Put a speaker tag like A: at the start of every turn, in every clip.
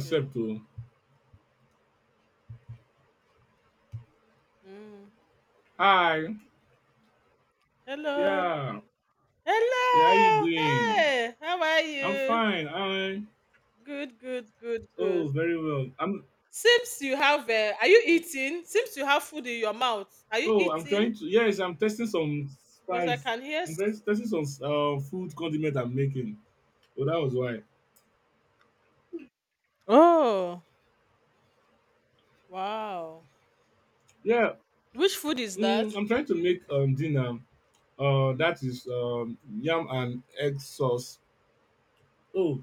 A: Okay.
B: oh.
A: Mm.
B: Hi.
A: Hello.
B: Yeah. Yeah, how you
A: Hello.
B: doing?
A: Hey, how are
B: I'm
A: you?
B: fine. I
A: Good, good, good,
B: Oh,
A: good.
B: very well. I'm
A: Seems you have are you eating? Seems you have food in your mouth. Are you
B: Oh, I'm
A: eating?
B: trying to, yes, I'm testing some
A: Because I
B: spice.
A: can hear
B: I'm trying
A: s-
B: testing some food condiment I'm making. Oh, that was why.
A: Oh, wow.
B: Yeah.
A: Which food is that?
B: I'm trying to make dinner. That is yam and egg sauce. Oh,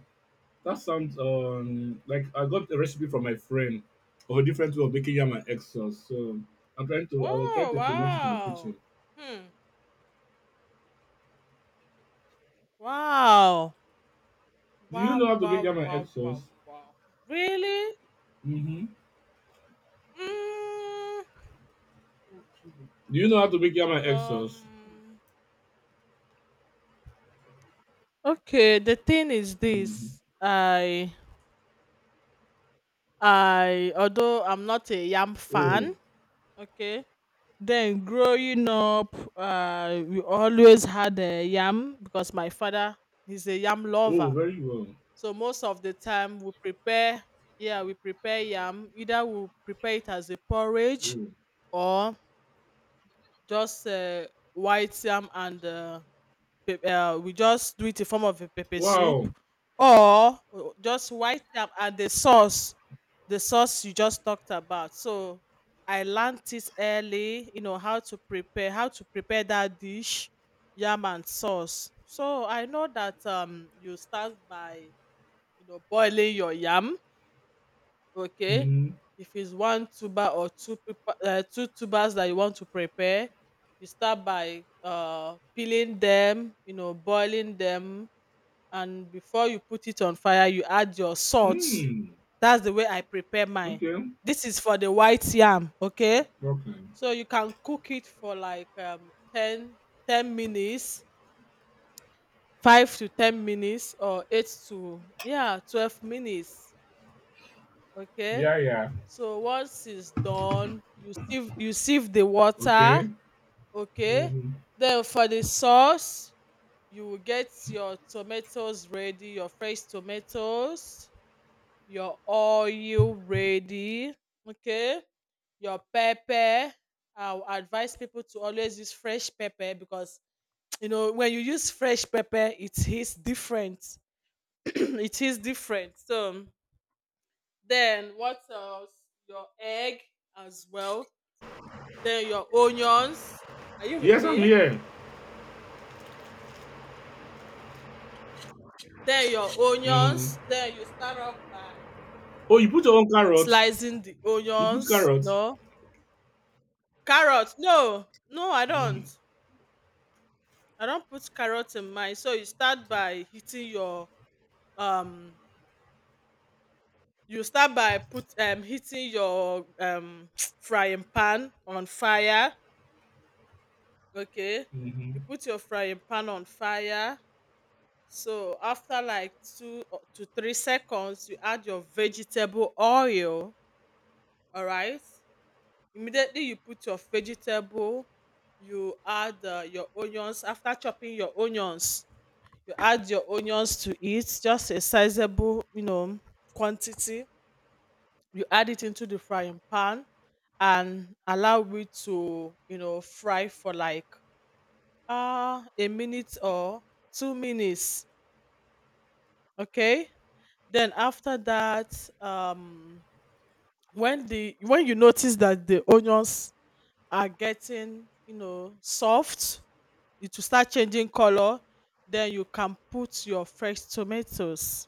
B: that sounds like I got a recipe from my friend or a different way of making yam and egg sauce. So, I was trying
A: Oh,
B: to implement it in the kitchen.
A: wow. Hmm. Wow.
B: Do you know
A: Wow,
B: how to make
A: wow,
B: yam and egg
A: wow,
B: sauce?
A: wow, wow. Really?
B: Mhm.
A: Mm.
B: Do you know how to make yam and egg sauce?
A: Um Okay, the thing is
B: Mhm.
A: this. I although I'm not a yam
B: Oh,
A: fan, okay. Then growing up, we always had a yam because my father is a yam
B: oh,
A: lover.
B: very well.
A: So most of the time we prepare, yeah, we prepare yam. Either we prepare it as a porridge
B: Oh.
A: or just white yam and pep we just do it in form of a pepper soup
B: Wow.
A: or just white yam and the sauce you just talked about. So I learned it early, you know, how to prepare that dish, yam and sauce. So I know that you start by, you know, boiling your yam. Okay,
B: Mhm.
A: if it's one tuber or two tubers that you want to prepare, you start by peeling them, you know, boiling them. And before you put it on fire, you add your salt.
B: Mm.
A: That's the way I prepare mine.
B: Okay.
A: This is for the white yam. Okay,
B: Okay.
A: so you can cook it for like 10 ten minutes, 5 to 10 minutes, or 8 to, yeah, 12 minutes. Okay.
B: Yeah, yeah.
A: So once it's done, you sieve the water,
B: Okay.
A: okay?
B: Mhm.
A: Then for the sauce, you will get your tomatoes ready, your fresh tomatoes, your oil ready, okay? Your pepper. I would advise people to always use fresh pepper because you know, when you use fresh pepper, it is different. It is different. So then what else? Your egg as well, then your onions. Are you with
B: Yes, I'm
A: me?
B: here.
A: Then your
B: Mhm.
A: onions. Then you start off by
B: Oh, you put your own carrots.
A: slicing the
B: You put
A: onions.
B: carrots.
A: No carrot. No, no, I
B: Mm.
A: don't. I don't put carrot in mine. So you start by hitting your um. You start by put hitting your frying pan on fire. Okay, you
B: Mhm.
A: put your frying pan on fire. So after like two or- to 3 seconds, you add your vegetable oil. All right. Immediately you put your vegetable. You add your onions. After chopping your onions, you add your onions to it. Just a sizable, you know, quantity. You add it into the frying pan and allow it to, you know, fry for like a minute or 2 minutes. Okay. Then after that, when the when you notice that the onions are getting, you know, soft, it will start changing color. Then you can put your fresh tomatoes.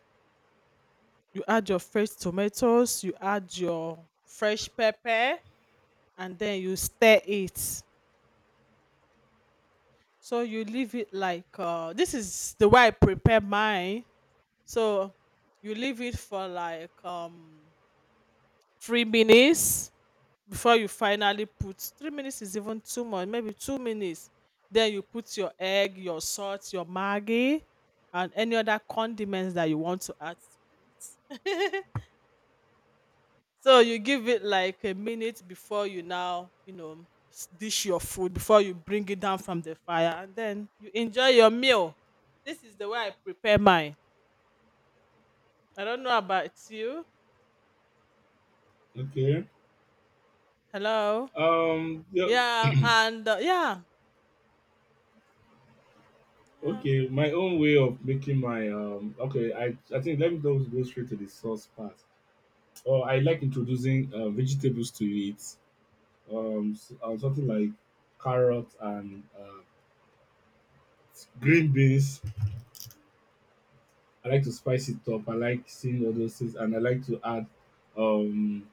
A: You add your fresh tomatoes. You add your fresh pepper, and then you stir it. So you leave it like this is the way I prepare mine. So you leave it for like 3 minutes before you finally put — 3 minutes is even too much, maybe 2 minutes — then you put your egg, your salt, your Maggi, and any other condiments that you want to add to it. So you give it like a minute before you now, you know, dish your food before you bring it down from the fire, and then you enjoy your meal. This is the way I prepare mine. I don't know about you.
B: Okay.
A: Hello?
B: Yeah,
A: Yeah, and yeah. Yeah.
B: okay. My own way of making my Okay. I think let me just go straight to the sauce part. Or I like introducing vegetables to it. Something like carrots and green beans. I like to spice it up. I like seeing all those things, and I like to add um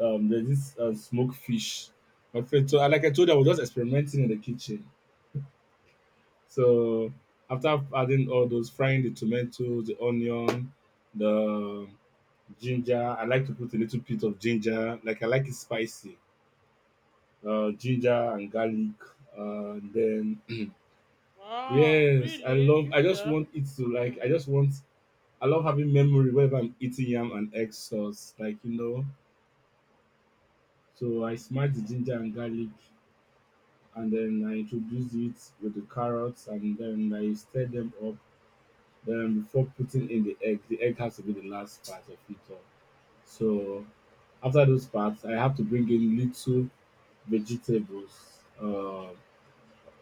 B: there's this smoked fish. My friend, so like I told you, I was just experimenting in the kitchen. So after adding all those, frying the tomatoes, the onion, the ginger, I like to put a little bit of ginger. Like I like it spicy. Ginger and garlic. Then
A: Wow,
B: yes, I
A: really?
B: love. I just
A: Ginger?
B: want it to, like.
A: Hmm.
B: I just want. I love having memory whenever I'm eating yam and egg sauce. Like, so I smash the ginger and garlic, and then I introduce it with the carrots, and then I stir them up. Then before putting in the egg has to be the last part of it all. So after those parts, I have to bring in little vegetables. Uh,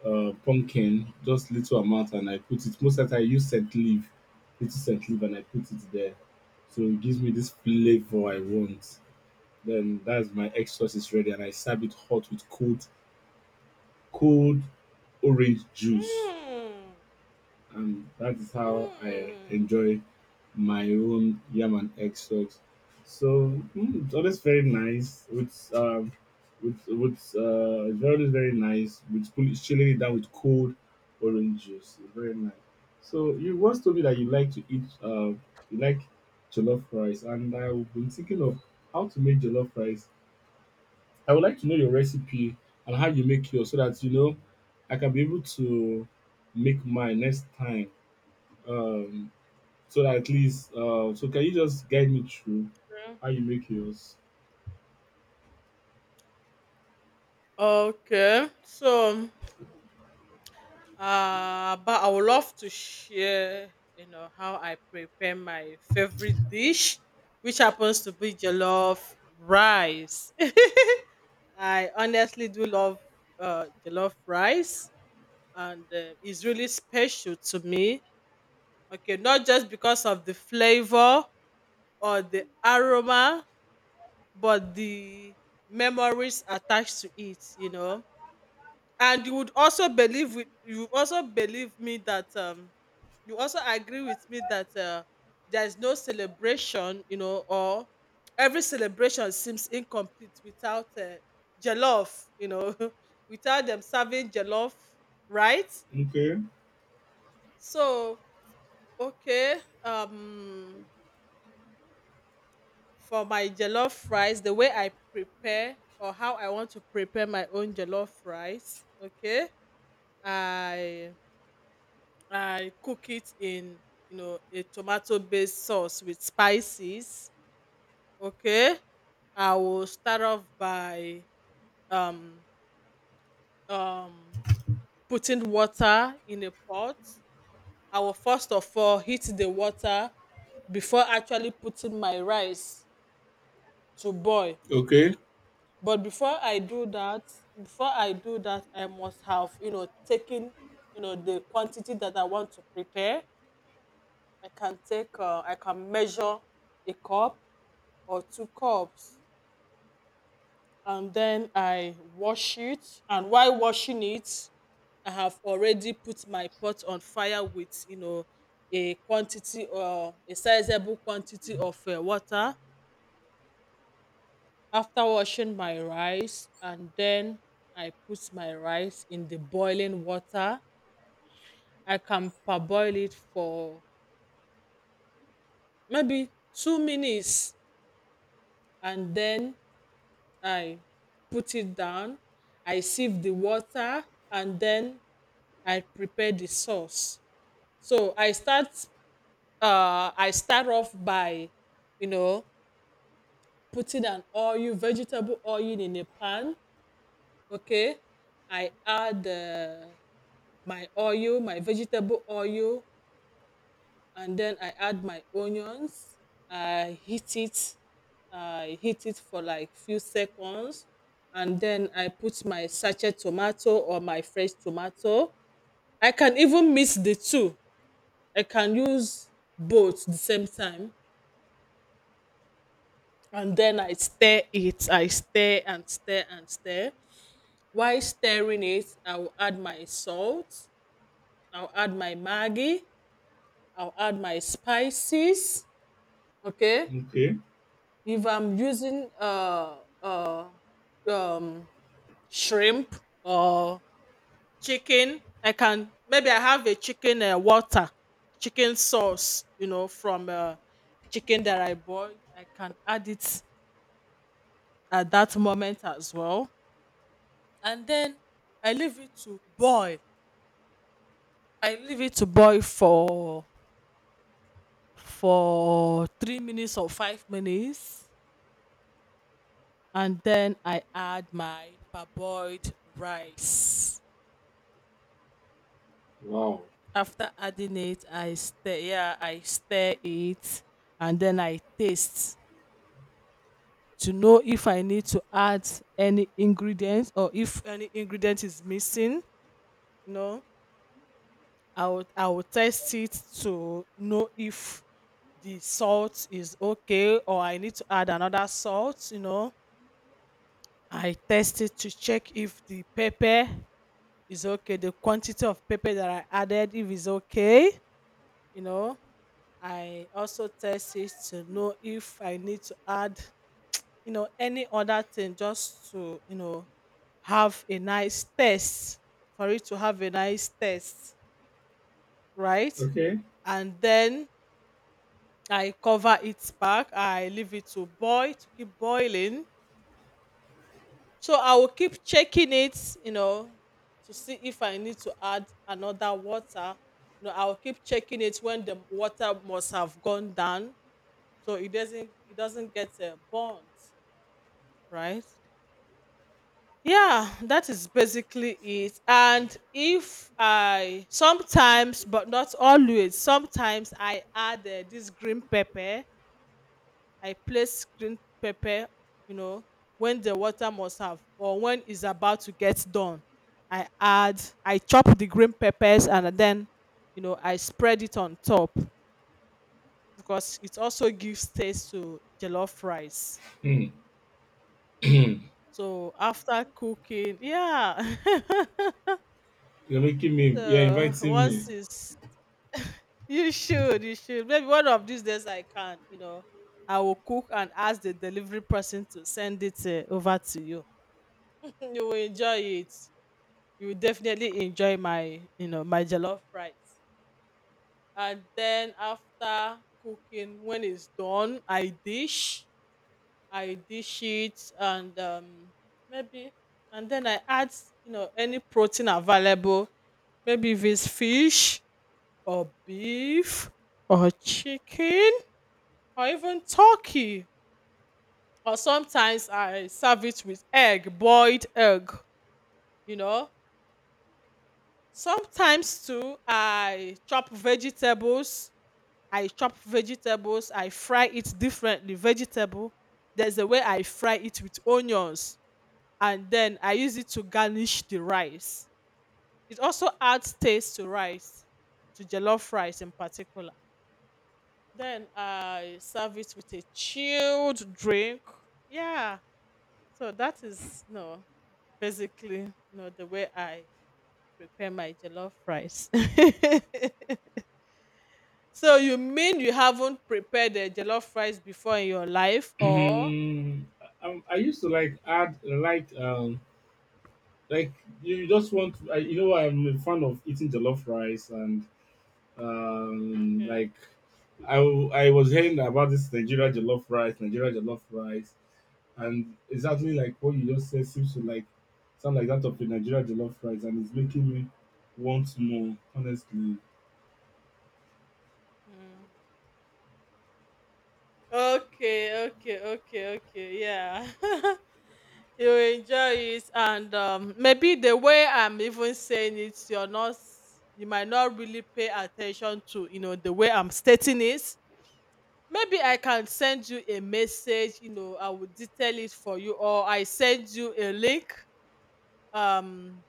B: uh, Pumpkin, just little amount, and I put it. Most of I use scent leaf, little scent leaf, and I put it there. So it gives me this flavor I want. Then that's my egg sauce is ready, and I serve it hot with cold, cold orange juice,
A: Mm.
B: and that is how I
A: Mm.
B: enjoy my own yam and egg stocks. So, it's always very nice with it's always very nice with chilling it down with cold orange juice. It's very nice. So you once told me that you like you like jollof rice, and I've been thinking of how to make jollof rice. I would like to know your recipe and how you make yours so that I can be able to make mine next time, um, so that at least, so can you just guide me through
A: Okay.
B: how you make yours?
A: Okay. So, but I would love to share, you know, how I prepare my favorite dish, which happens to be jollof rice. I honestly do love jollof rice, and it's really special to me. Okay, not just because of the flavor or the aroma, but the memories attached to it, you know. And you would also you would also believe me that you also agree with me that there is no celebration, you know, or every celebration seems incomplete without jollof, you know, without them serving jollof, right?
B: Okay.
A: So okay, um for my jollof rice, the way I prepare or how I want to prepare my own jollof rice, okay? I I cook it in, you know, a tomato-based sauce with spices, okay? I will start off by um um putting water in a pot. I will first of all heat the water before actually putting my rice to boil.
B: Okay.
A: But before I do that, I must have, you know, taken, you know, the quantity that I want to prepare. I can take, I can measure a cup or two cups, and then I wash it. And while washing it, I have already put my pot on fire with, you know, a quantity or a sizable quantity of water. After washing my rice, and then I put my rice in the boiling water. I can parboil it for maybe 2 minutes, and then I put it down. I sieve the water, and then I prepare the sauce. So I start. I start off by, you know, putting an oil, vegetable oil in a pan. Okay, I add. My oil, my vegetable oil, and then I add my onions. I heat it. I heat it for like few seconds, and then I put my sachet tomato or my fresh tomato. I can even mix the two. I can use both the same time, and then I stir it. I stir and stir and stir. While stirring it, I will add my salt. I'll add my Maggi. I'll add my spices. Okay.
B: Okay.
A: If I'm using um shrimp or chicken, I can — maybe I have a chicken water, chicken sauce, you know, from chicken that I boil. I can add it at that moment as well. And then I leave it to boil. I leave it to boil for 3 minutes or 5 minutes, and then I add my parboiled rice.
B: Wow.
A: After adding it, I stir. Yeah, I stir it, and then I taste to know if I need to add any ingredients or if any ingredient is missing. No, I will test it to know if the salt is okay or I need to add another salt. You know, I test it to check if the pepper is okay. The quantity of pepper that I added, if it's okay, you know, I also test it to know if I need to add, you know, any other thing just to, you know, have a nice taste, for it to have a nice taste, right?
B: Okay.
A: And then I cover it back. I leave it to boil, to keep boiling. So I will keep checking it, you know, to see if I need to add another water. You know, I will keep checking it when the water must have gone down, so it doesn't get burnt, right? Yeah, that is basically it. And if I — sometimes, but not always, sometimes I add this green pepper. I place green pepper, you know, when the water must have, or when it's about to get done. I add, I chop the green peppers, and then, you know, I spread it on top, because it also gives taste to jollof rice.
B: Hmm. you're
A: So after cooking, yeah.
B: you're
A: So
B: inviting me.
A: once it's you should, you should. Maybe one of these days I can, you know, I will cook and ask the delivery person to send it over to you. You will enjoy it. You will definitely enjoy my, you know, my jollof rice. And then after cooking, when it's done, I dish it, and maybe, and then I add, you know, any protein available. Maybe if it's fish or beef or chicken or even turkey. Or sometimes I serve it with egg, boiled egg. You know, sometimes too, I chop vegetables. I chop vegetables. I fry it differently. Vegetable, there's a way I fry it with onions, and then I use it to garnish the rice. It also adds taste to rice, to jollof rice in particular. Then I serve it with a chilled drink. Yeah. So that is basically no the way I prepare my jollof rice. So you mean you haven't prepared the jollof rice before in your life or —
B: Hmm. I used to like add like, like you just want to, I'm a fan of eating jollof rice, and um
A: Okay.
B: like I was hearing about this Nigeria jollof rice, and exactly like what you just said seems to, like, sound like that of a Nigeria jollof rice, and it's making me want more. Honestly,
A: Mm. Okay, okay, okay, okay. Yeah. You enjoy it. And maybe the way I'm even saying it, you're not — you might not really pay attention to, you know, the way I'm stating it. Maybe I can send you a message, you know, I will detail it for you, or I send you a link. Um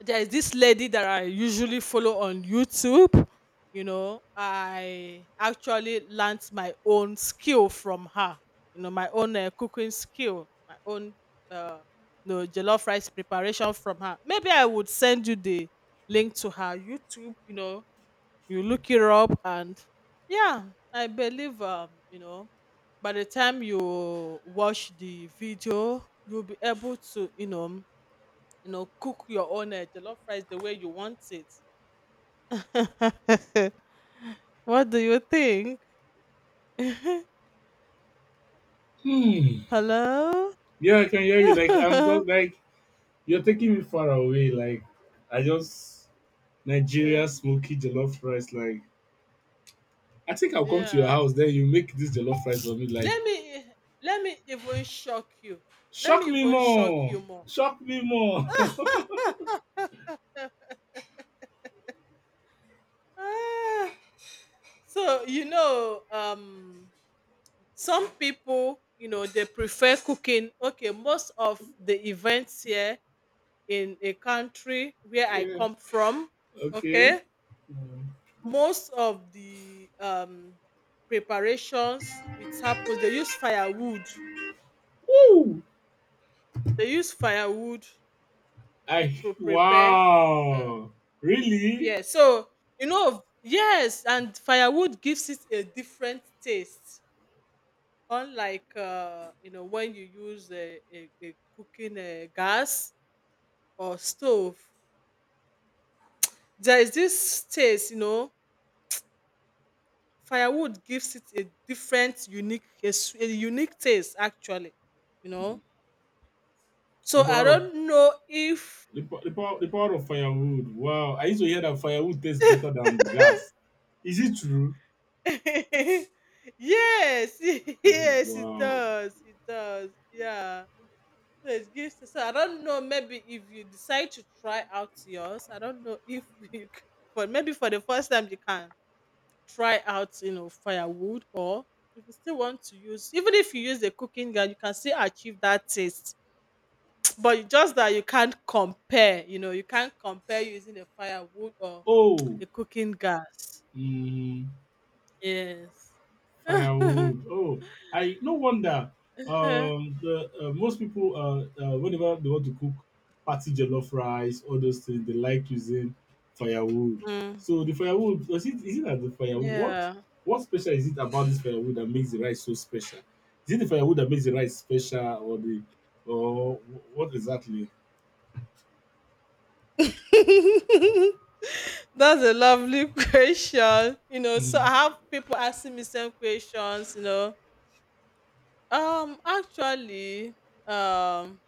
A: there is this lady that I usually follow on YouTube. You know, I actually learned my own skill from her. You know, my own cooking skill, my own, uh, you know, jollof rice preparation from her. Maybe I would send you the link to her YouTube. You know, you look it up, and yeah, I believe, by the time you watch the video, you'll be able to, cook your own jollof rice the way you want it. What do you think?
B: hmm.
A: Hello?
B: Yeah, I can hear you. Like, I'm just like, you're taking me far away. Like, I just... Nigeria
A: Okay.
B: smoky jollof rice. Like, I think I'll come to your
A: Yeah.
B: house, then you make this jollof rice for me. Like,
A: Let me let me even shock you. Let
B: shock
A: me
B: me
A: even shock
B: more,
A: you more.
B: shock me more.
A: Ah, so some people, you know, they prefer cooking. Okay, most of the events here in a country where I
B: Yeah.
A: come from,
B: Okay.
A: okay, most of the preparations it happens, they use firewood.
B: Woo!
A: They use firewood
B: I
A: to prepare, uh,
B: Wow. Really?
A: yeah. So you know, yes, and firewood gives it a different taste, unlike, you know, when you use a cooking gas or stove. There is this taste, you know, firewood gives it a different unique a unique taste, actually, you know. So
B: The
A: I
B: power of
A: don't know if
B: the power of firewood. Wow. I used to hear that firewood tastes better than gas. Is it true?
A: yes,
B: Mhm.
A: yes,
B: Wow.
A: it does, yeah. So it gives. So I don't know. Maybe if you decide to try out yours, I don't know if you, c- but maybe for the first time you can try out, you know, firewood, or if you still want to use, even if you use the cooking gas, you can still achieve that taste. But it's just that you can't compare, you know, you can't compare using a firewood or
B: Oh.
A: a cooking gas.
B: Mm-hmm.
A: Yes.
B: Firewood. Oh, I no wonder. The most people whenever they want to cook party jollof rice, all those things, they like using firewood.
A: Mm,
B: So the firewood, is it that the firewood? What
A: yeah.
B: what special is it about this firewood that makes the rice so special? Is it the firewood that makes the rice special, or what exactly?
A: That's a lovely question. You know, so I
B: Mm.
A: have people asking me some questions, you know. Actually, um,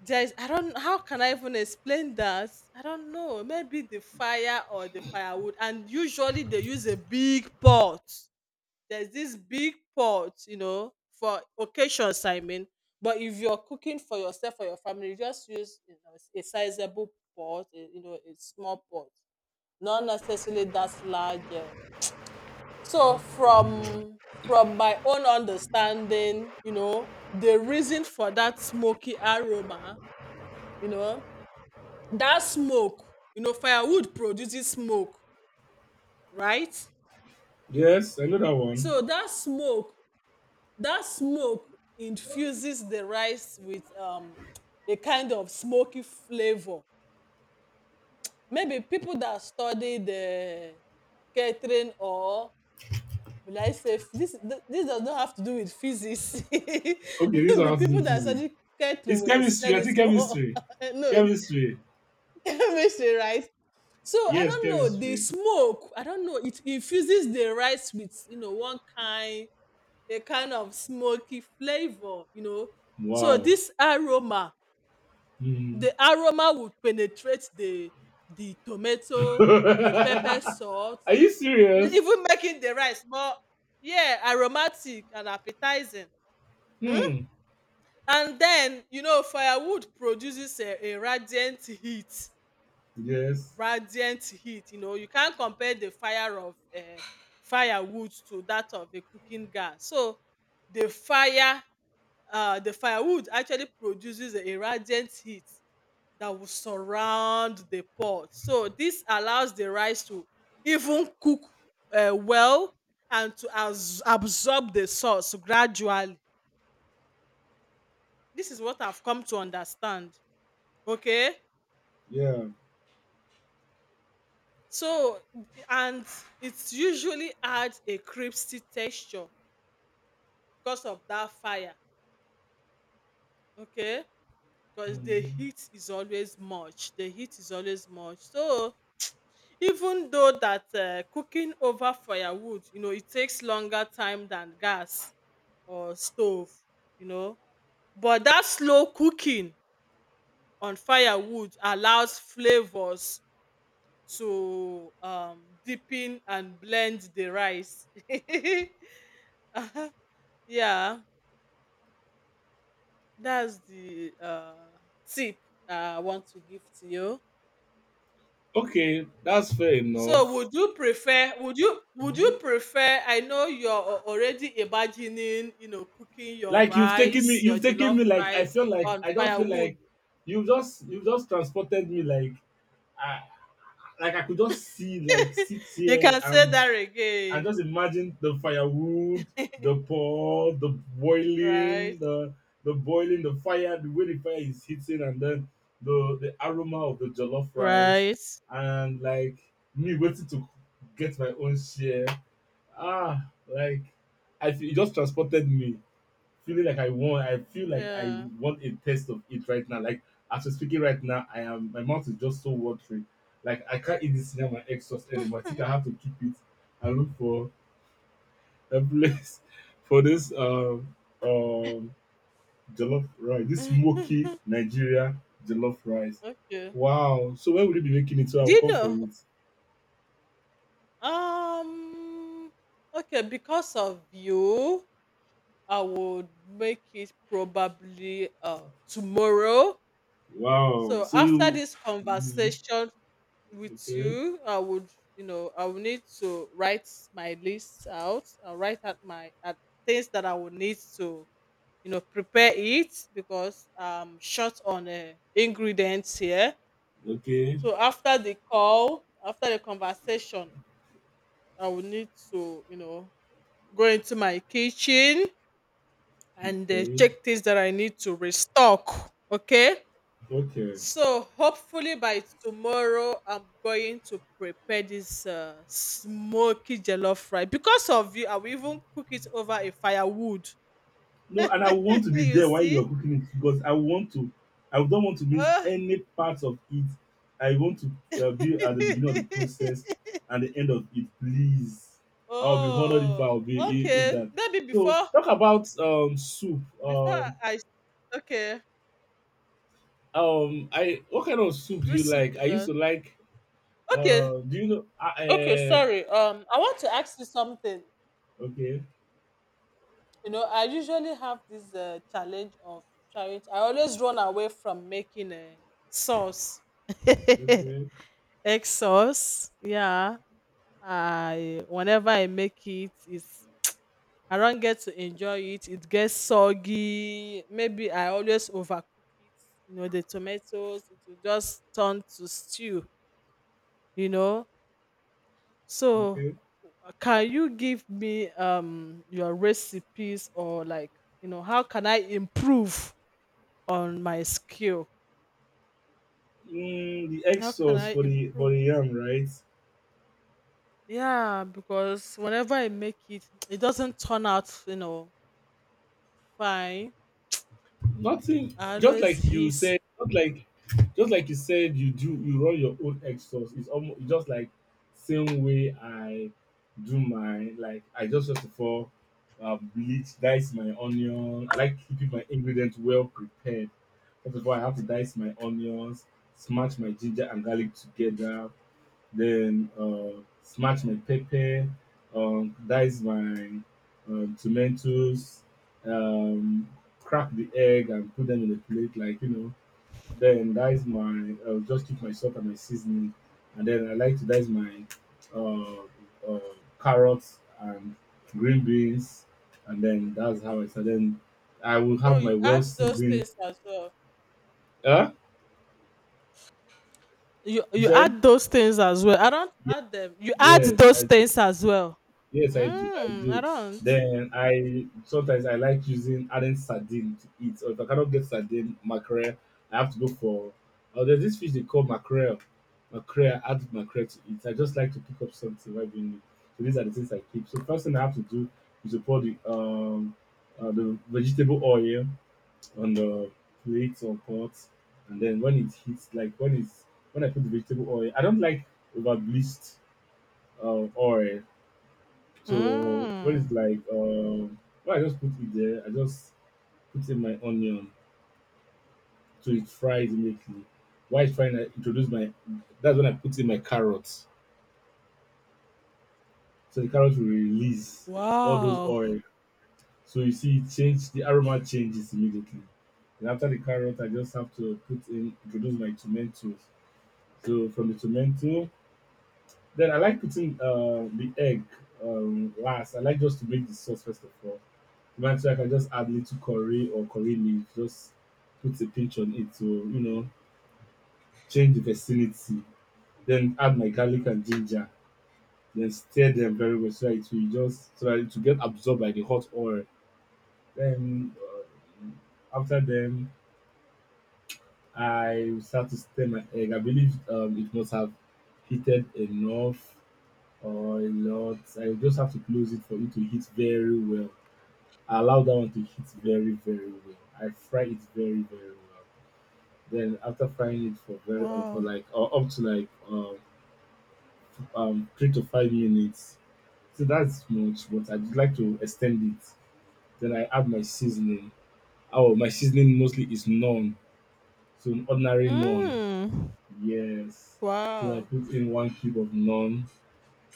A: there's I don't how can I even explain that? I don't know. Maybe the fire or the firewood, and usually they use a big pot. There's this big pot, you know, for occasions, I mean. But if you're cooking for yourself or your family, you just use, you know, a sizable pot, you know, a small pot, not necessarily that large. So from my own understanding, you know, the reason for that smoky aroma, you know, that smoke, you know, firewood produces smoke, right?
B: Yes, I know that one.
A: So that smoke, that smoke infuses the rice with a kind of smoky flavor. Maybe people that study the catering or will I say This does not have to do with physics.
B: Okay, this one
A: Maybe
B: how to do
A: people
B: with
A: that
B: physics.
A: study
B: It's
A: catering will
B: chemistry.
A: explain
B: I
A: it
B: think
A: more.
B: chemistry.
A: No, it
B: Chemistry.
A: makes it right. So I
B: Yes,
A: don't know, the
B: chemistry.
A: smoke, I don't know. It infuses the rice with, you know, one kind a kind of smoky flavor, you know. So
B: Wow.
A: this aroma,
B: Hmm.
A: the aroma would penetrate the tomato, the pepper salt,
B: Are you serious?
A: even making the rice more, yeah, aromatic and appetizing. Mm?
B: Hmm.
A: And then, you know, firewood produces a radiant heat.
B: Yes.
A: Radiant heat. You know, you can't compare the fire of, firewood to that of a cooking gas. So the fire the firewood actually produces a radiant heat that will surround the pot. So this allows the rice to even cook, well, and to absorb the sauce gradually. This is what I've come to understand. Okay.
B: Yeah.
A: So and it's usually adds a crispy texture because of that fire. Okay. Because the
B: Mhm.
A: heat is always much. The heat is always much. So even though that, cooking over firewood, you know, it takes longer time than gas or stove, you know, but that slow cooking on firewood allows flavors to, deepen and blend the rice. Uh-huh. Yeah, that's the, tip I want to give to you.
B: Okay, that's fair
A: So would
B: enough.
A: you prefer, would you
B: Mhm.
A: prefer, I know you're already imagining, you know, cooking your
B: Like, you've taken me,
A: rice, your
B: you've taken
A: jollof
B: me. Like, I
A: rice
B: feel like,
A: on
B: I don't feel
A: firewood.
B: like you've just transported me. Like... I could just see, like, sit
A: You
B: here
A: can say
B: and
A: that
B: and
A: again.
B: just imagine the firewood, the pot, the boiling,
A: Right.
B: the the boiling, the fire, the way the fire is hitting, and then the aroma of the jollof rice,
A: Right.
B: and like, me waiting to get my own share. Ah, like, I feel, it just transported me, feeling like I feel like I
A: Yeah.
B: want a taste of it right now. Like, as we're speaking right now, I am my mouth is just so watery. Like, I can't eat this cinnamon egg sauce anymore. I think I have to keep it and look for a place for this um jollof rice, this smoky Nigeria jollof rice.
A: Okay. Do
B: Wow. So when will you be making it? So I will
A: you
B: come for
A: know?
B: it.
A: Um okay, because of you, I would make it probably tomorrow.
B: Wow.
A: So
B: So
A: after
B: you
A: this
B: Mhm.
A: conversation with
B: Okay.
A: you, I would, you know, I will need to write my list out. I'll write out my at things that I will need to, you know, prepare it because I'm short on ingredients here.
B: Okay.
A: So after the call, after the conversation, I will need to, you know, go into my kitchen and,
B: Okay.
A: check things that I need to restock. Okay.
B: Okay.
A: So hopefully by tomorrow, I'm going to prepare this, smoky jollof rice. Because of you, I will even cook it over a firewood.
B: No, and I want to be
A: You
B: there while you
A: see?
B: are cooking it because I don't want to miss
A: Oh.
B: any part of it. I want to, be at the beginning of the process and the end of it, please. I'll be honored if I'll
A: Oh.
B: be if
A: Okay.
B: that.
A: Maybe
B: So
A: before
B: talk about soup.
A: okay.
B: I What kind of soup do
A: Which
B: you
A: soup
B: like? I
A: is
B: used
A: that?
B: to like
A: Okay.
B: do you know
A: Okay. Sorry. I want to ask you something.
B: okay,
A: You know, I usually have this, challenge of trying I always run away from making a sauce.
B: okay,
A: Egg sauce, yeah. I whenever i make it, it's I don't get to enjoy it, it gets soggy. Maybe I always overcook it, you know, the tomatoes, it will just turn to stew, you know. So,
B: okay,
A: can you give me your recipes, or like, you know, how can I improve on my skill.
B: the egg
A: How can
B: sauce
A: I
B: for the
A: improve?
B: yam right?
A: Yeah, because whenever I make it, it doesn't turn out, you know, fine.
B: Nothing.
A: I
B: Just
A: always
B: like you
A: hiss.
B: said. Not like. Just like you said, you run your own exhaust. It's almost just like same way I do mine. Like I just before, bleach, dice my onion. I like keeping my ingredients well prepared. First of all, I have to dice my onions, smash my ginger and garlic together, then smash my pepper, dice my, tomatoes, um, crack the egg and put them in the plate, like. Then I'll just keep my salt and my seasoning, and then I like to dice my uh, uh, carrots and green beans, and then that's how I start. Then I will
A: Oh,
B: have my
A: you
B: well
A: add those
B: seasoned.
A: things as well.
B: Huh?
A: You
B: You
A: you
B: said?
A: add those things as well. I don't add them. You add
B: Yes,
A: those
B: I
A: things as well.
B: yes, I do. I
A: Mm, I
B: do.
A: don't.
B: Then I sometimes I like using adding sardine to eat. Or if I cannot get sardine, mackerel, I have to look for. Oh, there's this fish they call mackerel. Mackerel, add mackerel to eat. I just like to pick up something while being new. So these are the things I keep. So first thing I have to do is to pour the vegetable oil on the plates or pots, and then when it hits, like when I put the vegetable oil, I don't like over bleached oil. So when it's
A: Mm.
B: when I just put it there, I just put in my onion so it fries immediately. While it's frying, I introduce my that's when I put in my carrots. So the carrots will release all those
A: Wow.
B: oil. So you see it, change the aroma changes immediately. And after the carrot, I just have to put in introduce my tomatoes. So from the tomato, then I like putting the egg, last. I like just to make the sauce first of all. Eventually, I can just add little curry or curry leaf, just put a pinch on it to, change the vicinity. Then add my garlic and ginger. Then stir them very well so that it will get absorbed by the hot oil. Then after them, I will start to stir my egg. I believe, it must have heated enough or a lot. I will just have to close it for it to heat very well. I allow that one to heat very, very well. I fry it very, very well. Then after frying it for
A: Wow.
B: like, up to like, 3 to 5 minutes. So that's much, but I'd like to extend it. Then I add my seasoning. Oh, my seasoning mostly is naan, so an ordinary naan.
A: Mm.
B: Yes. So I
A: Wow.
B: put in one cube of naan.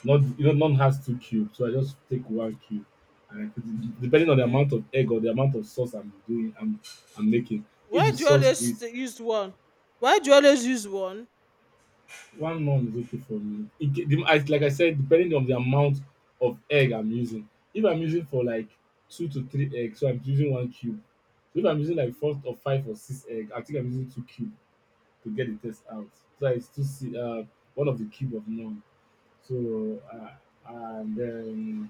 B: Not, naan has two cubes, so I just take one cube and I put it depending on the
A: Okay.
B: amount of egg or the amount of sauce I'm doing. I'm making. If
A: Why
B: the
A: do you
B: sauce
A: always
B: is.
A: use one? Why do you always use one?
B: One month is okay for me. It ge the As like I said, depending on the amount of egg I'm using. If I'm using for like 2 to 3 eggs, so I'm using 1 cube. So if I'm using like 4 or 5 or 6 egg, I think I'm using 2 cube to get the taste out. So it's 2 c 1 of the cube of none. So, uh, and then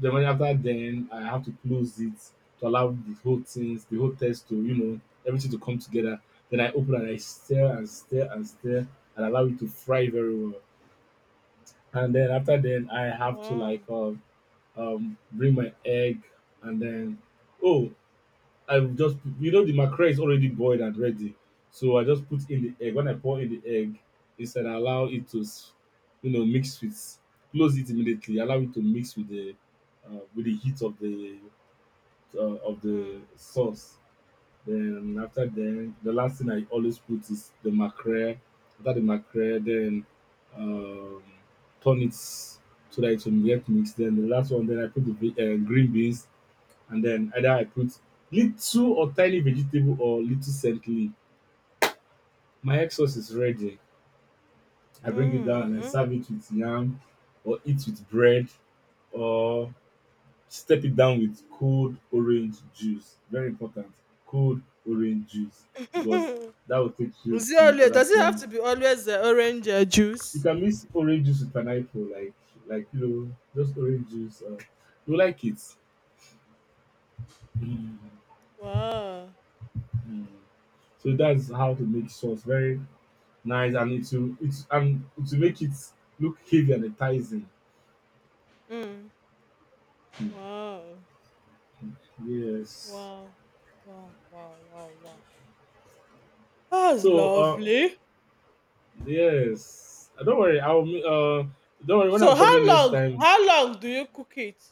B: when after then, I have to close it to allow the whole test to, you know, everything to come together. Then I open and I stir and stir and stir and allow it to fry very well. And then after then, I have to
A: Wow.
B: bring my egg, and then oh, I will just you know the mackerel is already boiled and ready, so I just put in the egg. When I pour in the egg, instead I allow it to, you know, mix with, close it immediately. Allow it to mix with the heat uh, of the
A: Mm.
B: sauce. Then after then, the last thing I always put is the mackerel. After the mackerel, then um, turn it so that it will get mixed. Then the last one, then I put the green beans, and then either I put little or tiny vegetable or little scent leaf. My egg sauce is ready. I bring it down and I
A: Mhm.
B: serve it with yam, or eat with bread, or step it down with cold orange juice. Very important. Cold orange juice because
A: Is
B: that will take you
A: it
B: to
A: always,
B: other
A: does it have
B: plan.
A: to be always, orange,
B: You
A: juice?
B: can mix orange juice with pineapple, like you know, just orange juice. You like it. Mm,
A: Wow.
B: mm. So that's how to make sauce very nice, and it will it and it will make it look heavy and enticing.
A: Mm.
B: Mm.
A: Wow.
B: Yes.
A: Wow. Wow. Wow. Wow. Wow. That's
B: So, uh,
A: lovely.
B: yes. Don't worry. Don't worry. When
A: So
B: I'm coming
A: how
B: next
A: long,
B: time,
A: do you cook it?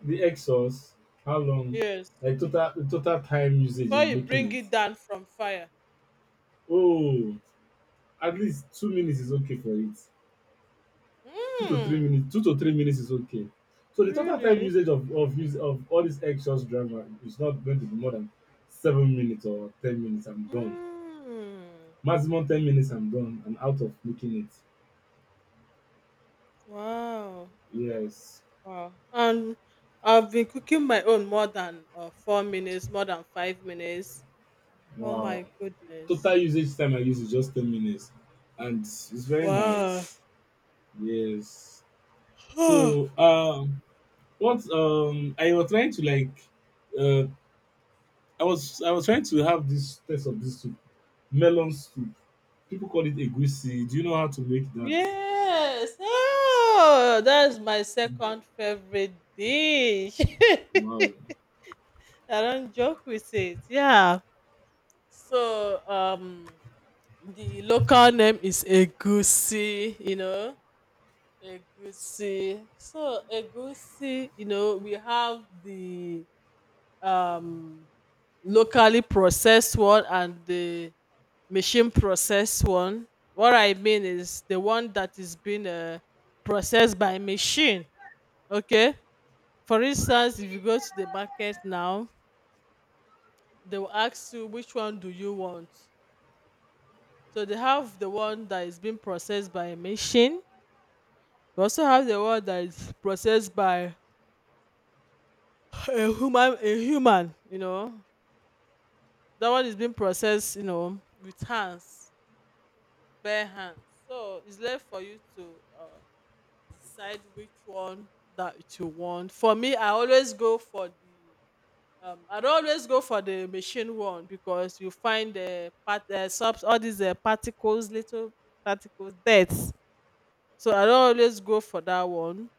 B: the Exos, how long?
A: Yes.
B: Like total time usage
A: Before
B: in
A: you
B: making
A: bring
B: it.
A: it down from fire.
B: Oh, at least 2 minutes is okay for it. Two to three
A: Mm.
B: minutes. 2 to 3 minutes is okay. So the total time
A: Really?
B: usage of use of all this Exos drama is not going to be more than 7 minutes or 10 minutes. I'm done.
A: Mm.
B: Maximum 10 minutes. I'm done. I'm out of making it.
A: Wow.
B: Yes.
A: Wow. And I've been cooking my own more than, 4 minutes, more than 5 minutes. Oh
B: Wow.
A: my goodness.
B: Total usage time I use is just 10 minutes, and it's very
A: Wow.
B: nice. Yes. So um What I was trying to like, uh I was trying to have this taste of this soup. Melon soup. People call it egusi. Do you know how to make that?
A: Yes. Oh, that's my second favorite dish.
B: Wow.
A: I don't joke with it. Yeah. So the local name is Egusi, you know. Egusi. So Egusi, you know, we have the um locally processed one and the machine processed one. What I mean is the one that is being, processed by machine. Okay. For instance, if you go to the market now, they will ask you which one do you want. So they have the one that is being processed by a machine. We also have the one that is processed by a human. A human, you know, that one is being processed, you know, with hands, bare hands. So it's left for you to, decide which one that you want. For me, I always go for the I don't always go for the machine one because you find the part subs all these, particles, little particles, dirt. So I don't always go for that one.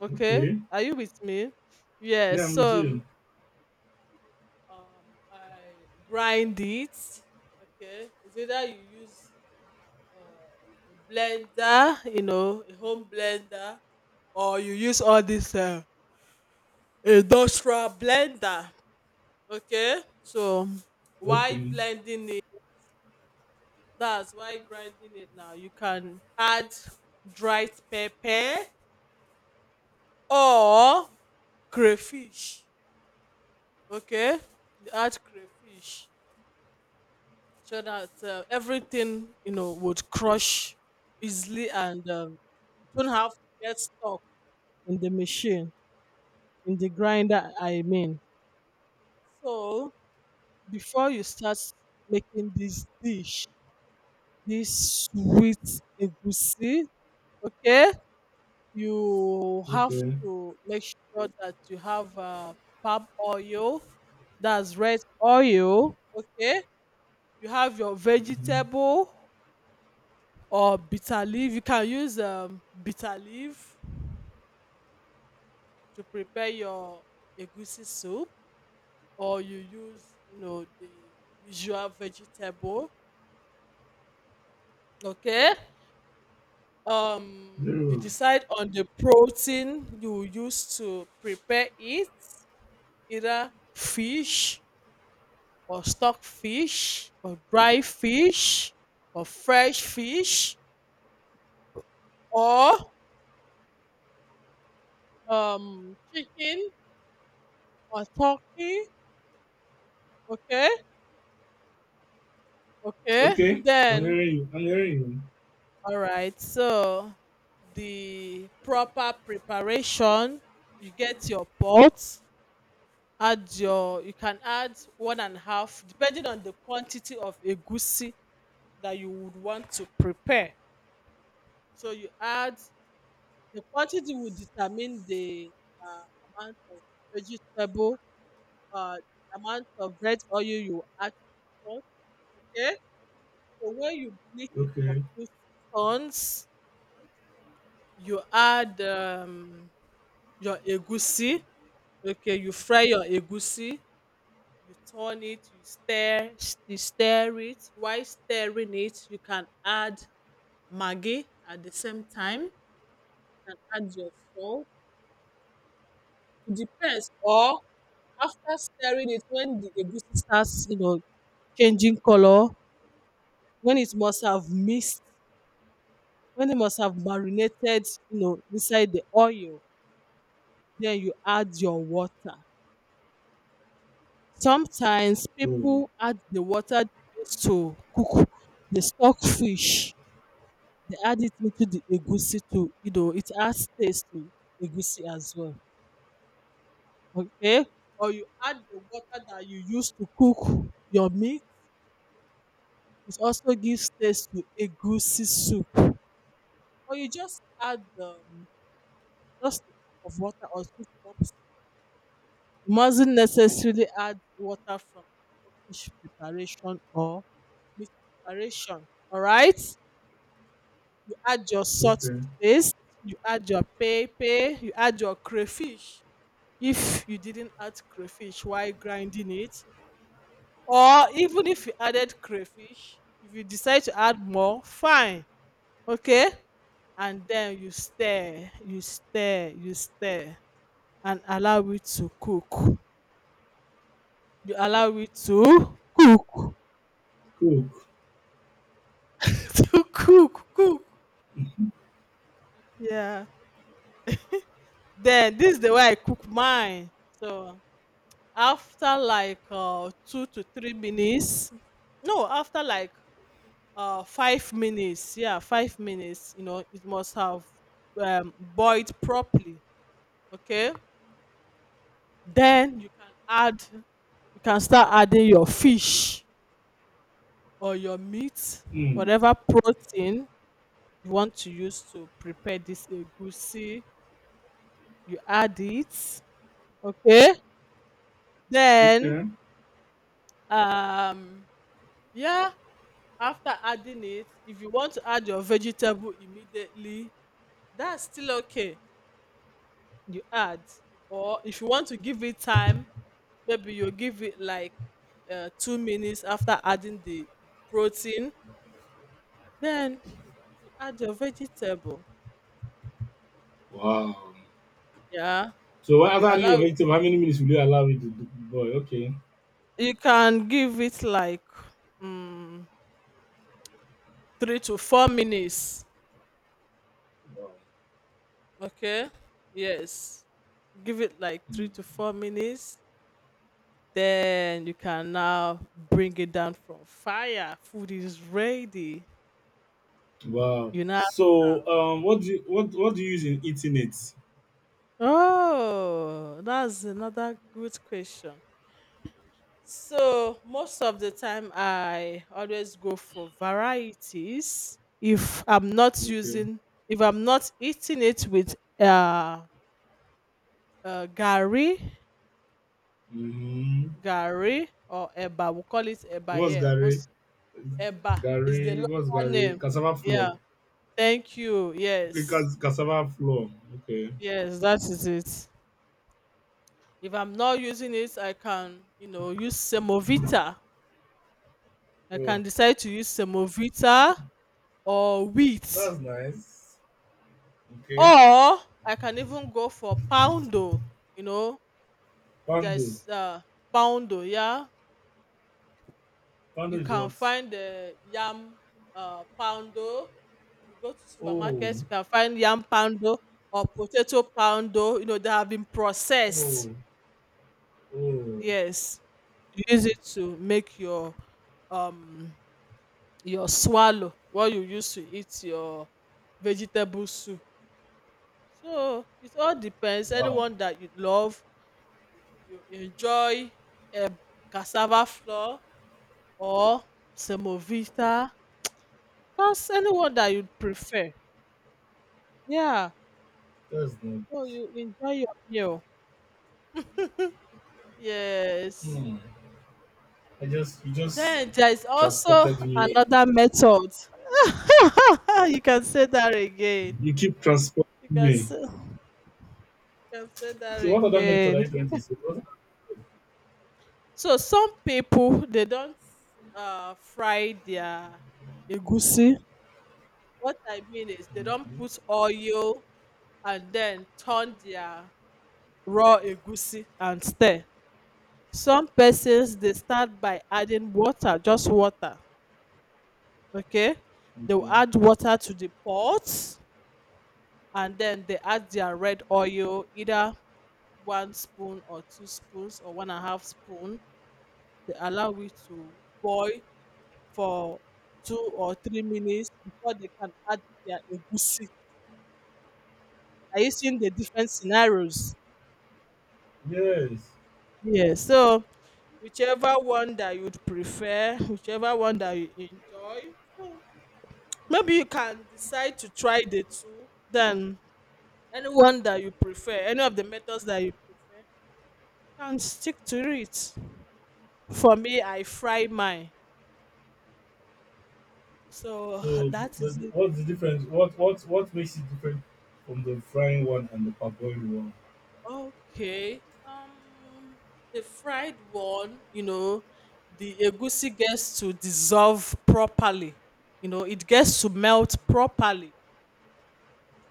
A: Okay,
B: Okay.
A: are you with me? Yes.
B: Yeah, I'm with
A: So
B: you.
A: um, I grind it. Okay, it's either you use, a blender, you know, a home blender, or you use all this. Industrial blender. Okay, so why
B: Okay.
A: blending it, that's why, grinding it. Now you can add dried pepper or crayfish. Okay, you add crayfish so that, everything, you know, would crush easily, and, you don't have to get stuck in the machine, in the grinder, I mean. So before you start making this dish, this sweet egusi, okay? You have
B: Okay.
A: to make sure that you have, palm oil, that's red oil, okay? You have your
B: Mm-hmm.
A: vegetable or bitter leaf. You can use, bitter leaf to prepare your egusi soup, or you use, you know, the usual vegetable, okay?
B: Very
A: You
B: well.
A: decide on the protein you use to prepare it, either fish or stock fish or dry fish or fresh fish, or chicken or turkey, okay. Okay,
B: Okay. I'm
A: then,
B: hearing you. I'm hearing
A: all right. So the proper preparation, you get your pot, add your, you can add one and a half depending on the quantity of egusi that you would want to prepare. So you add, the quantity will determine the, uh, amount of vegetable, the amount of red oil you add for, okay, so when you bleach
B: you.
A: it for
B: Okay.
A: few seconds, you add, your egusi. Okay, you fry your egusi, you turn it, you stir, you stir it. While stirring it, you can add Maggi at the same time. You can add your salt. It depends. Or after stirring it, when the egusi starts, you know, changing color, when it must have mixed, when it must have marinated, you know, inside the oil, then you add your water. Sometimes
B: Oh.
A: people add the water they use to cook the stock fish. They add it into the egusi too, you know, it adds taste to egusi as well, okay? Or you add the water that you use to cook your meat, it also gives taste to egusi soup. Or you just add, just a cup of water or 2 cups. You mustn't necessarily add water from fish preparation or meat preparation, alright? You add your salt
B: Okay.
A: to taste, you add your pepper, you add your crayfish. If you didn't add crayfish while grinding it, or even if you added crayfish, if you decide to add more fine. Okay, and then you stir and allow it to cook. You allow it to cook
B: Cook.
A: to cook, yeah. Then this is the way I cook mine. So after like 2 to 3 minutes, no, after like 5 minutes, yeah, 5 minutes, you know, it must have boiled properly. Okay, then you can add, you can start adding your fish or your meat,
B: Hmm.
A: whatever protein you want to use to prepare this egusi, you add it. Okay, then,
B: Okay.
A: um yeah, after adding it, if you want to add your vegetable immediately, that's still okay, you add. Or if you want to give it time, maybe you'll give it like 2 minutes after adding the protein, then you add your vegetable.
B: Wow.
A: Yeah,
B: So
A: you
B: after adding your
A: allow,
B: vegetable, how many minutes will you allow it to boil? Okay.
A: you can give it like um, 3 to 4 minutes.
B: Wow.
A: Okay, yes, give it like
B: Hmm.
A: 3 to 4 minutes, then you can now bring it down from fire. Food is ready.
B: Wow.
A: You now
B: So,
A: serve.
B: what do you, what do you use in eating it?
A: Oh, that's another good question. So, most of the time, I always go for varieties. If I'm not
B: Okay.
A: using, if I'm not eating it with gari,
B: Mm-hmm.
A: gari or eba. We call it eba
B: What's
A: here.
B: Gary?
A: Most eba is the
B: Gary? What's
A: local
B: Gary?
A: name.
B: Cassava
A: Yeah.
B: flour.
A: Thank you. Yes.
B: Cassava flour. Okay.
A: Yes, that is it. If I'm not using it, I can, you know, use
B: Oh,
A: semovita or
B: that's
A: wheat,
B: nice. Okay.
A: or I can even go for poundo, you know,
B: Pando.
A: there's poundo, yeah.
B: Pando
A: You
B: is
A: can
B: what?
A: find the yam poundo. If you go to supermarkets,
B: Oh,
A: you can find yam poundo or potato poundo. You know, they have been processed.
B: oh, oh.
A: Yes. You use it to make um your swallow, what you use to eat your vegetable soup. So it all depends.
B: Wow.
A: Anyone that you love, you enjoy, um, cassava flour or semovita, just anyone that you prefer. Yeah.
B: That's
A: So
B: nice.
A: you enjoy your meal. Yes.
B: Hmm. I just, you just
A: Then there is also
B: transported me.
A: another method. You can say that again.
B: You keep transporting
A: You can
B: me.
A: say, you can say that
B: So, what other method are
A: again.
B: you trying to say?
A: So some people, they don't fry their egusi. What I mean is they don't
B: Hmm?
A: put oil and then turn their raw egusi and stir. Some persons, they start by adding water, just water. Okay, they will
B: Okay.
A: add water to the pot and then they add their red oil, either one spoon or two spoons or one and a half spoon. They allow it to boil for 2 or 3 minutes before they can add their egusi. Are you seeing the different scenarios?
B: Yes.
A: Yeah, so whichever one that you'd prefer, whichever one that you enjoy, so maybe you can decide to try the two. Then anyone that you prefer, any of the methods that you prefer, you can stick to it. For me, I fry mine. So
B: So,
A: that
B: but
A: is it.
B: what's the difference? What what makes it different from the frying one and the parboiled one?
A: Okay. The fried one, you know, the egusi gets to dissolve properly. You know, it gets to melt properly,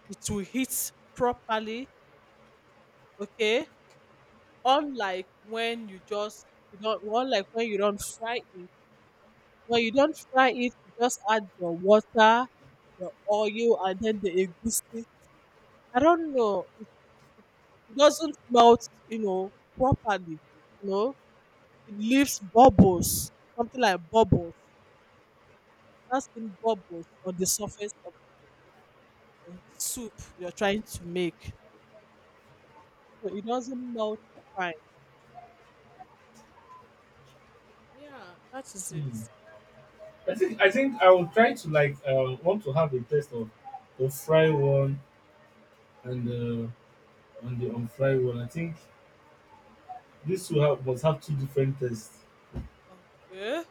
A: it will hit properly, okay? Unlike when you just, you don't, unlike when you don't fry it. When you don't fry it, you just add your water, your oil, and then the egusi. I don't know. It doesn't melt, you know, properly. You know, it leaves bubbles, something like bubbles. That's in bubbles on the surface of the soup you're trying to make. So it doesn't melt fine. Yeah, that is
B: Hmm.
A: it.
B: I think I will try to like, want to have a test of the fry one and the and the unfried one. I think this will have must have two different tests.
A: Okay.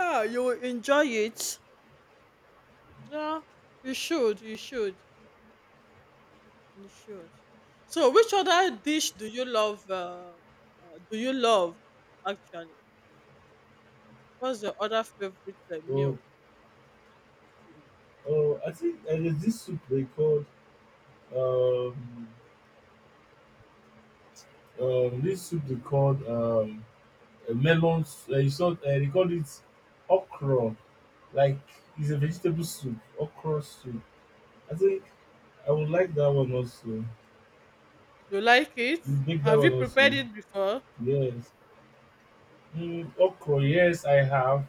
A: Yeah, you will enjoy it. Yeah, you should. You should. You should. So, which other dish do you love? Do you love, actually? What's your other favorite
B: Oh,
A: meal?
B: oh, I think there's this soup they called um, um, melons. You saw they call it okra. Like, it's a vegetable soup, okra soup. I think I would like that one also. You
A: You like it?
B: make that
A: Have
B: one
A: you prepared
B: also.
A: it before?
B: Yes. Mm, okra. Yes, I have.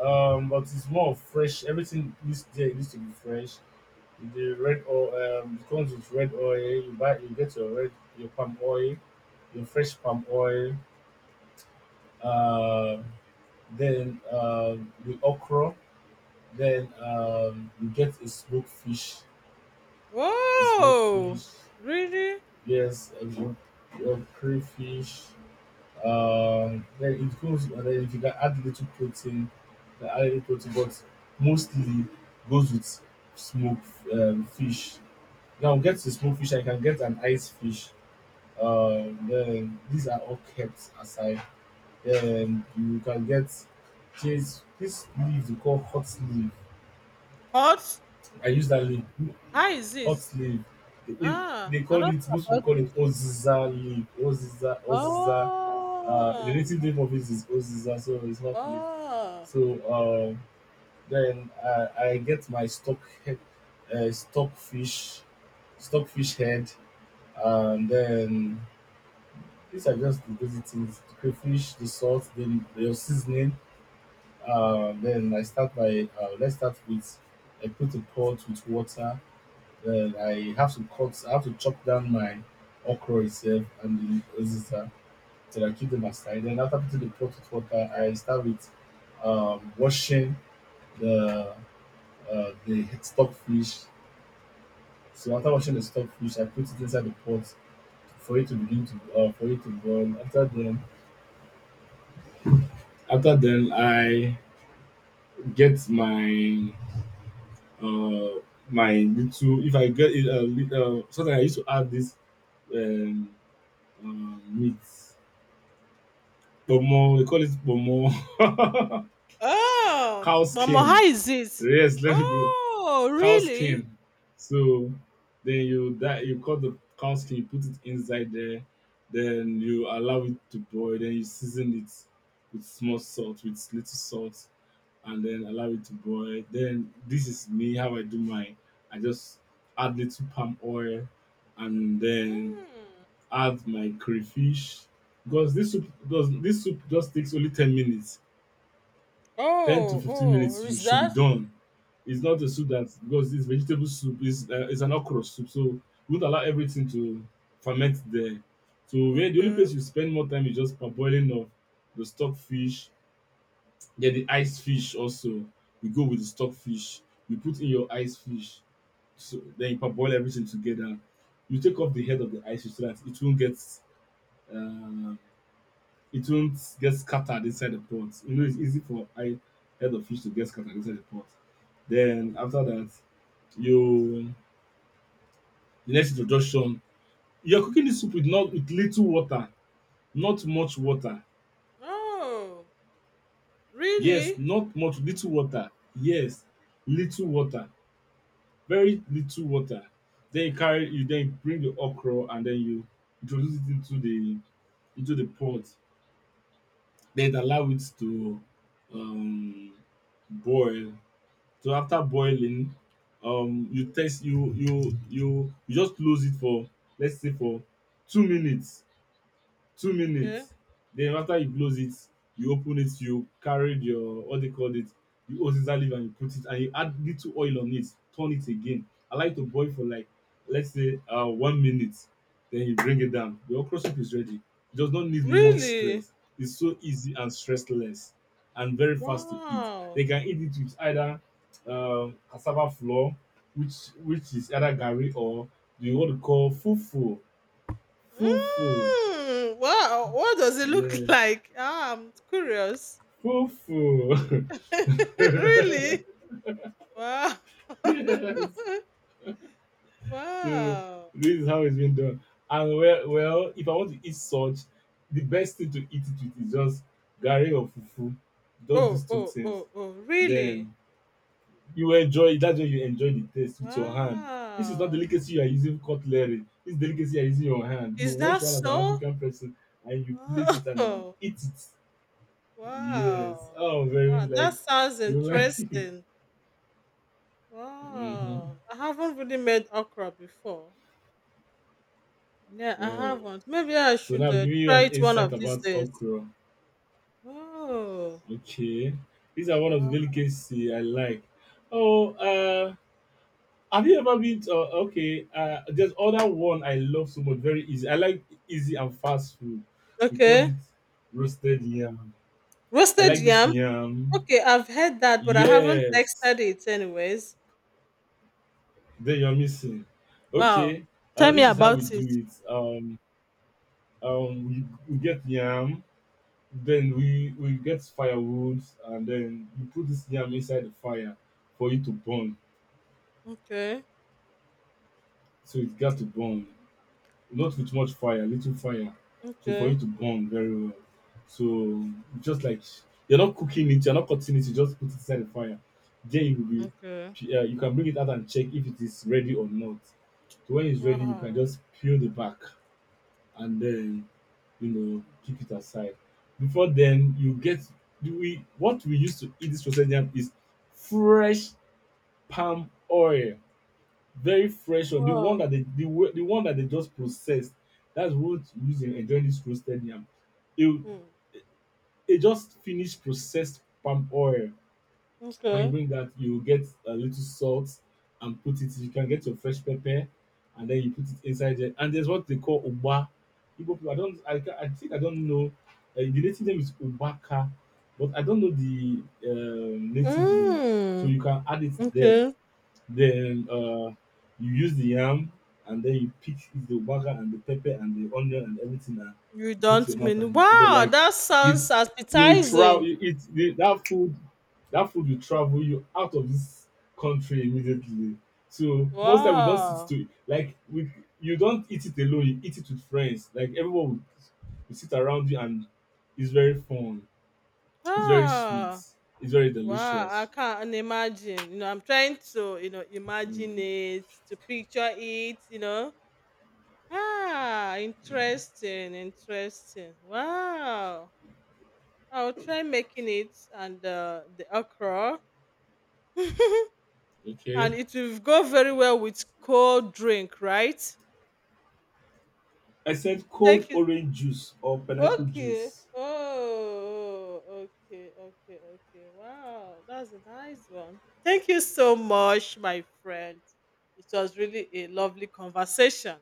B: But it's more of fresh. Everything needs there needs to be fresh. The red oil. It comes with red oil. You buy. You get your red, your palm oil, your fresh palm oil. Uh, then the okra. Then you get a smoked
A: Whoa!
B: fish,
A: Really?
B: yes, a smoked, your crayfish. Then it goes, and then if you can add little protein, you can add little protein, but mostly goes with smoked fish. Now get the smoked fish, I can get an ice fish. Then these are all kept aside. Then you can get this leaf they call hot leaf.
A: Hot?
B: I use that leaf.
A: How is
B: Hot
A: it?
B: leaf. It, it,
A: Ah,
B: they
A: I don't
B: called it,
A: know
B: most people
A: about
B: call
A: it.
B: it Oziza leaf. Oziza, Oziza. The
A: Oh.
B: native name of it is Oziza, so it's not leaf.
A: Oh.
B: So um, then I get my stock, he- stockfish, stockfish head, and then these are just the basic things: the crayfish, the salt, then your seasoning. Then I start by let's start with, I put a pot with water. Then I have to cut, I have to chop down my okra itself and the uziza till I keep them aside. Then after putting the pot with water, I start with washing the the stock fish. So after washing the stock fish, I put it inside the pot for it to begin to, for it to boil. After then I get my uh, my little. If I get it, something I used to add this um, meat. Bomo, we call it bomo.
A: Oh,
B: Cow
A: but mo, how
B: skin.
A: is it?
B: Yes, let it go.
A: Oh,
B: Cow
A: really?
B: skin. So then you, that you cut the cow skin, you put it inside there, then you allow it to boil, then you season it with small salt, with little salt, and then allow it to boil. Then this is me how I do mine. I just add little palm oil and then
A: Mm.
B: add my crayfish. Because this soup just takes only 10 minutes. 10 to
A: Oh,
B: 15 minutes
A: oh,
B: you
A: is
B: should be
A: that?
B: done. It's not a soup that, because it's vegetable soup, it's an okra soup, so you won't allow everything to ferment there. So where the only
A: Okay.
B: place you spend more time is just parboiling of the stock fish, then the ice fish also. You go with the stock fish, you put in your ice fish, so then you parboil everything together. You take off the head of the ice fish so that it won't get, uh, it won't get scattered inside the pot. You know, it's easy for I head of fish to get scattered inside the pot. Then after that, you, the next introduction, you're cooking the soup with, not with little water, not much water.
A: Oh,
B: Yes,
A: really?
B: not much little water. Yes, little water, very little water. Then you carry, you then bring the okra and then you introduce it into the pot. Then allow it to um boil. So after boiling, you test, you you just close it for, let's say, for 2 minutes, two
A: Okay.
B: minutes Then after you close it, you open it, you carry your what they call it, you, oziza leaf, and you put it and you add little oil on it, turn it again. I like to boil for like, let's say, 1 minute. Then you bring it down. Your okra soup is ready. It does not need much
A: Really?
B: stress. It's so easy and stressless, and very fast to eat.
A: Wow.
B: They can eat it with either cassava flour, which is either gari or the, what we call fufu. Fufu.
A: Mm. Wow. What does it look
B: Yes.
A: like? Ah, I'm curious.
B: Fufu.
A: Really? Wow.
B: Yes. So
A: Wow.
B: this is how it's been done. And, well, well, if I want to eat such, the best thing to eat it with is just gari or fufu. Just
A: Oh,
B: these two
A: oh,
B: things.
A: oh, oh, really?
B: Then you enjoy it. That's when you enjoy the taste with your hand. This is not
A: Wow.
B: delicacy you are using cutlery. This is delicacy you are using your hand. You
A: Is
B: wash
A: that
B: your hand as an
A: so?
B: African person and you place it and you
A: Oh,
B: eat it. Yes.
A: wow.
B: Oh, very,
A: Ah, that
B: like
A: sounds
B: you like it.
A: interesting.
B: Mm-hmm.
A: Wow. I haven't really made okra before. Yeah, I
B: Oh.
A: haven't. Maybe I
B: So
A: should
B: now I'm giving you
A: try
B: an
A: it one of
B: insight
A: these
B: about
A: days.
B: okra.
A: Oh,
B: Okay. These are one
A: wow.
B: of the delicacy I like. Oh, have you ever been to, okay, there's other one I love so much, very easy. I like easy and fast food. We call
A: Okay.
B: it roasted yam. I
A: Roasted
B: like this
A: yam.
B: yam.
A: Okay, I've heard that, but I haven't texted
B: Yes.
A: it anyways.
B: Then you're missing.
A: Wow.
B: Okay.
A: Tell me
B: This is how we
A: about it.
B: do it. We get yam. Then we get firewood and then you put this yam inside the fire for it to burn.
A: Okay.
B: So it gets to burn. Not with much fire, little fire. So for
A: Okay.
B: it to burn very well. So just like, you're not cooking it, you're not cutting it, you just put it inside the fire. Then you will be,
A: Okay.
B: you can bring it out and check if it is ready or not. So when it's ready, you can
A: Wow.
B: just peel the back and then you know keep it aside. Before then, you get, do we, what we used to eat this roasted yam is fresh palm oil, very fresh one. The one
A: Wow.
B: that they, the, the one that they just processed. That's what you use in enjoying this roasted yam. It,
A: Hmm.
B: it just finished processed palm oil. When you
A: Okay.
B: bring that, you get a little salt and put it. You can get your fresh pepper and then you put it inside there. And there's what they call uba. Igbo people, I don't, I, I think I don't know. The native name is ubaka, but I don't know the native name. So
A: Hmm.
B: you can add it there.
A: Okay.
B: Then you use the yam and then you pick the water and the pepper and the onion and everything and
A: You
B: you put it in
A: don't
B: your mouth
A: mean,
B: and you eat it
A: wow,
B: like
A: that
B: it.
A: sounds
B: You will travel.
A: appetizing.
B: You eat the, that food. That food will travel you out of this country immediately. So most time we don't sit
A: Wow.
B: to like, we, you don't eat it alone. You eat it with friends. Like everyone will sit around you and it's very fun. It's very sweet.
A: Ah.
B: It's very
A: Wow. I
B: delicious.
A: can't imagine. You know, I'm trying to, you know, imagine
B: Mm,
A: it, to picture it, you know. Ah,
B: mm.
A: interesting, interesting. Wow. I'll try making it and the okra. And
B: Okay.
A: it will go very well with cold drink, right?
B: I said cold
A: Thank you.
B: orange juice or pineapple
A: Okay.
B: juice.
A: Oh, okay, okay, okay. Wow, that's a nice one. Thank you so much, my friend. It was really a lovely conversation.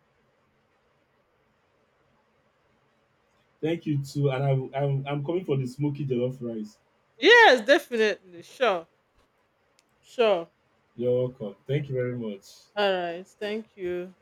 B: Thank you too, and I'm, coming for the smoky jollof rice.
A: Yes, definitely. Sure, sure.
B: You're welcome. Thank you very much.
A: All right. Thank you.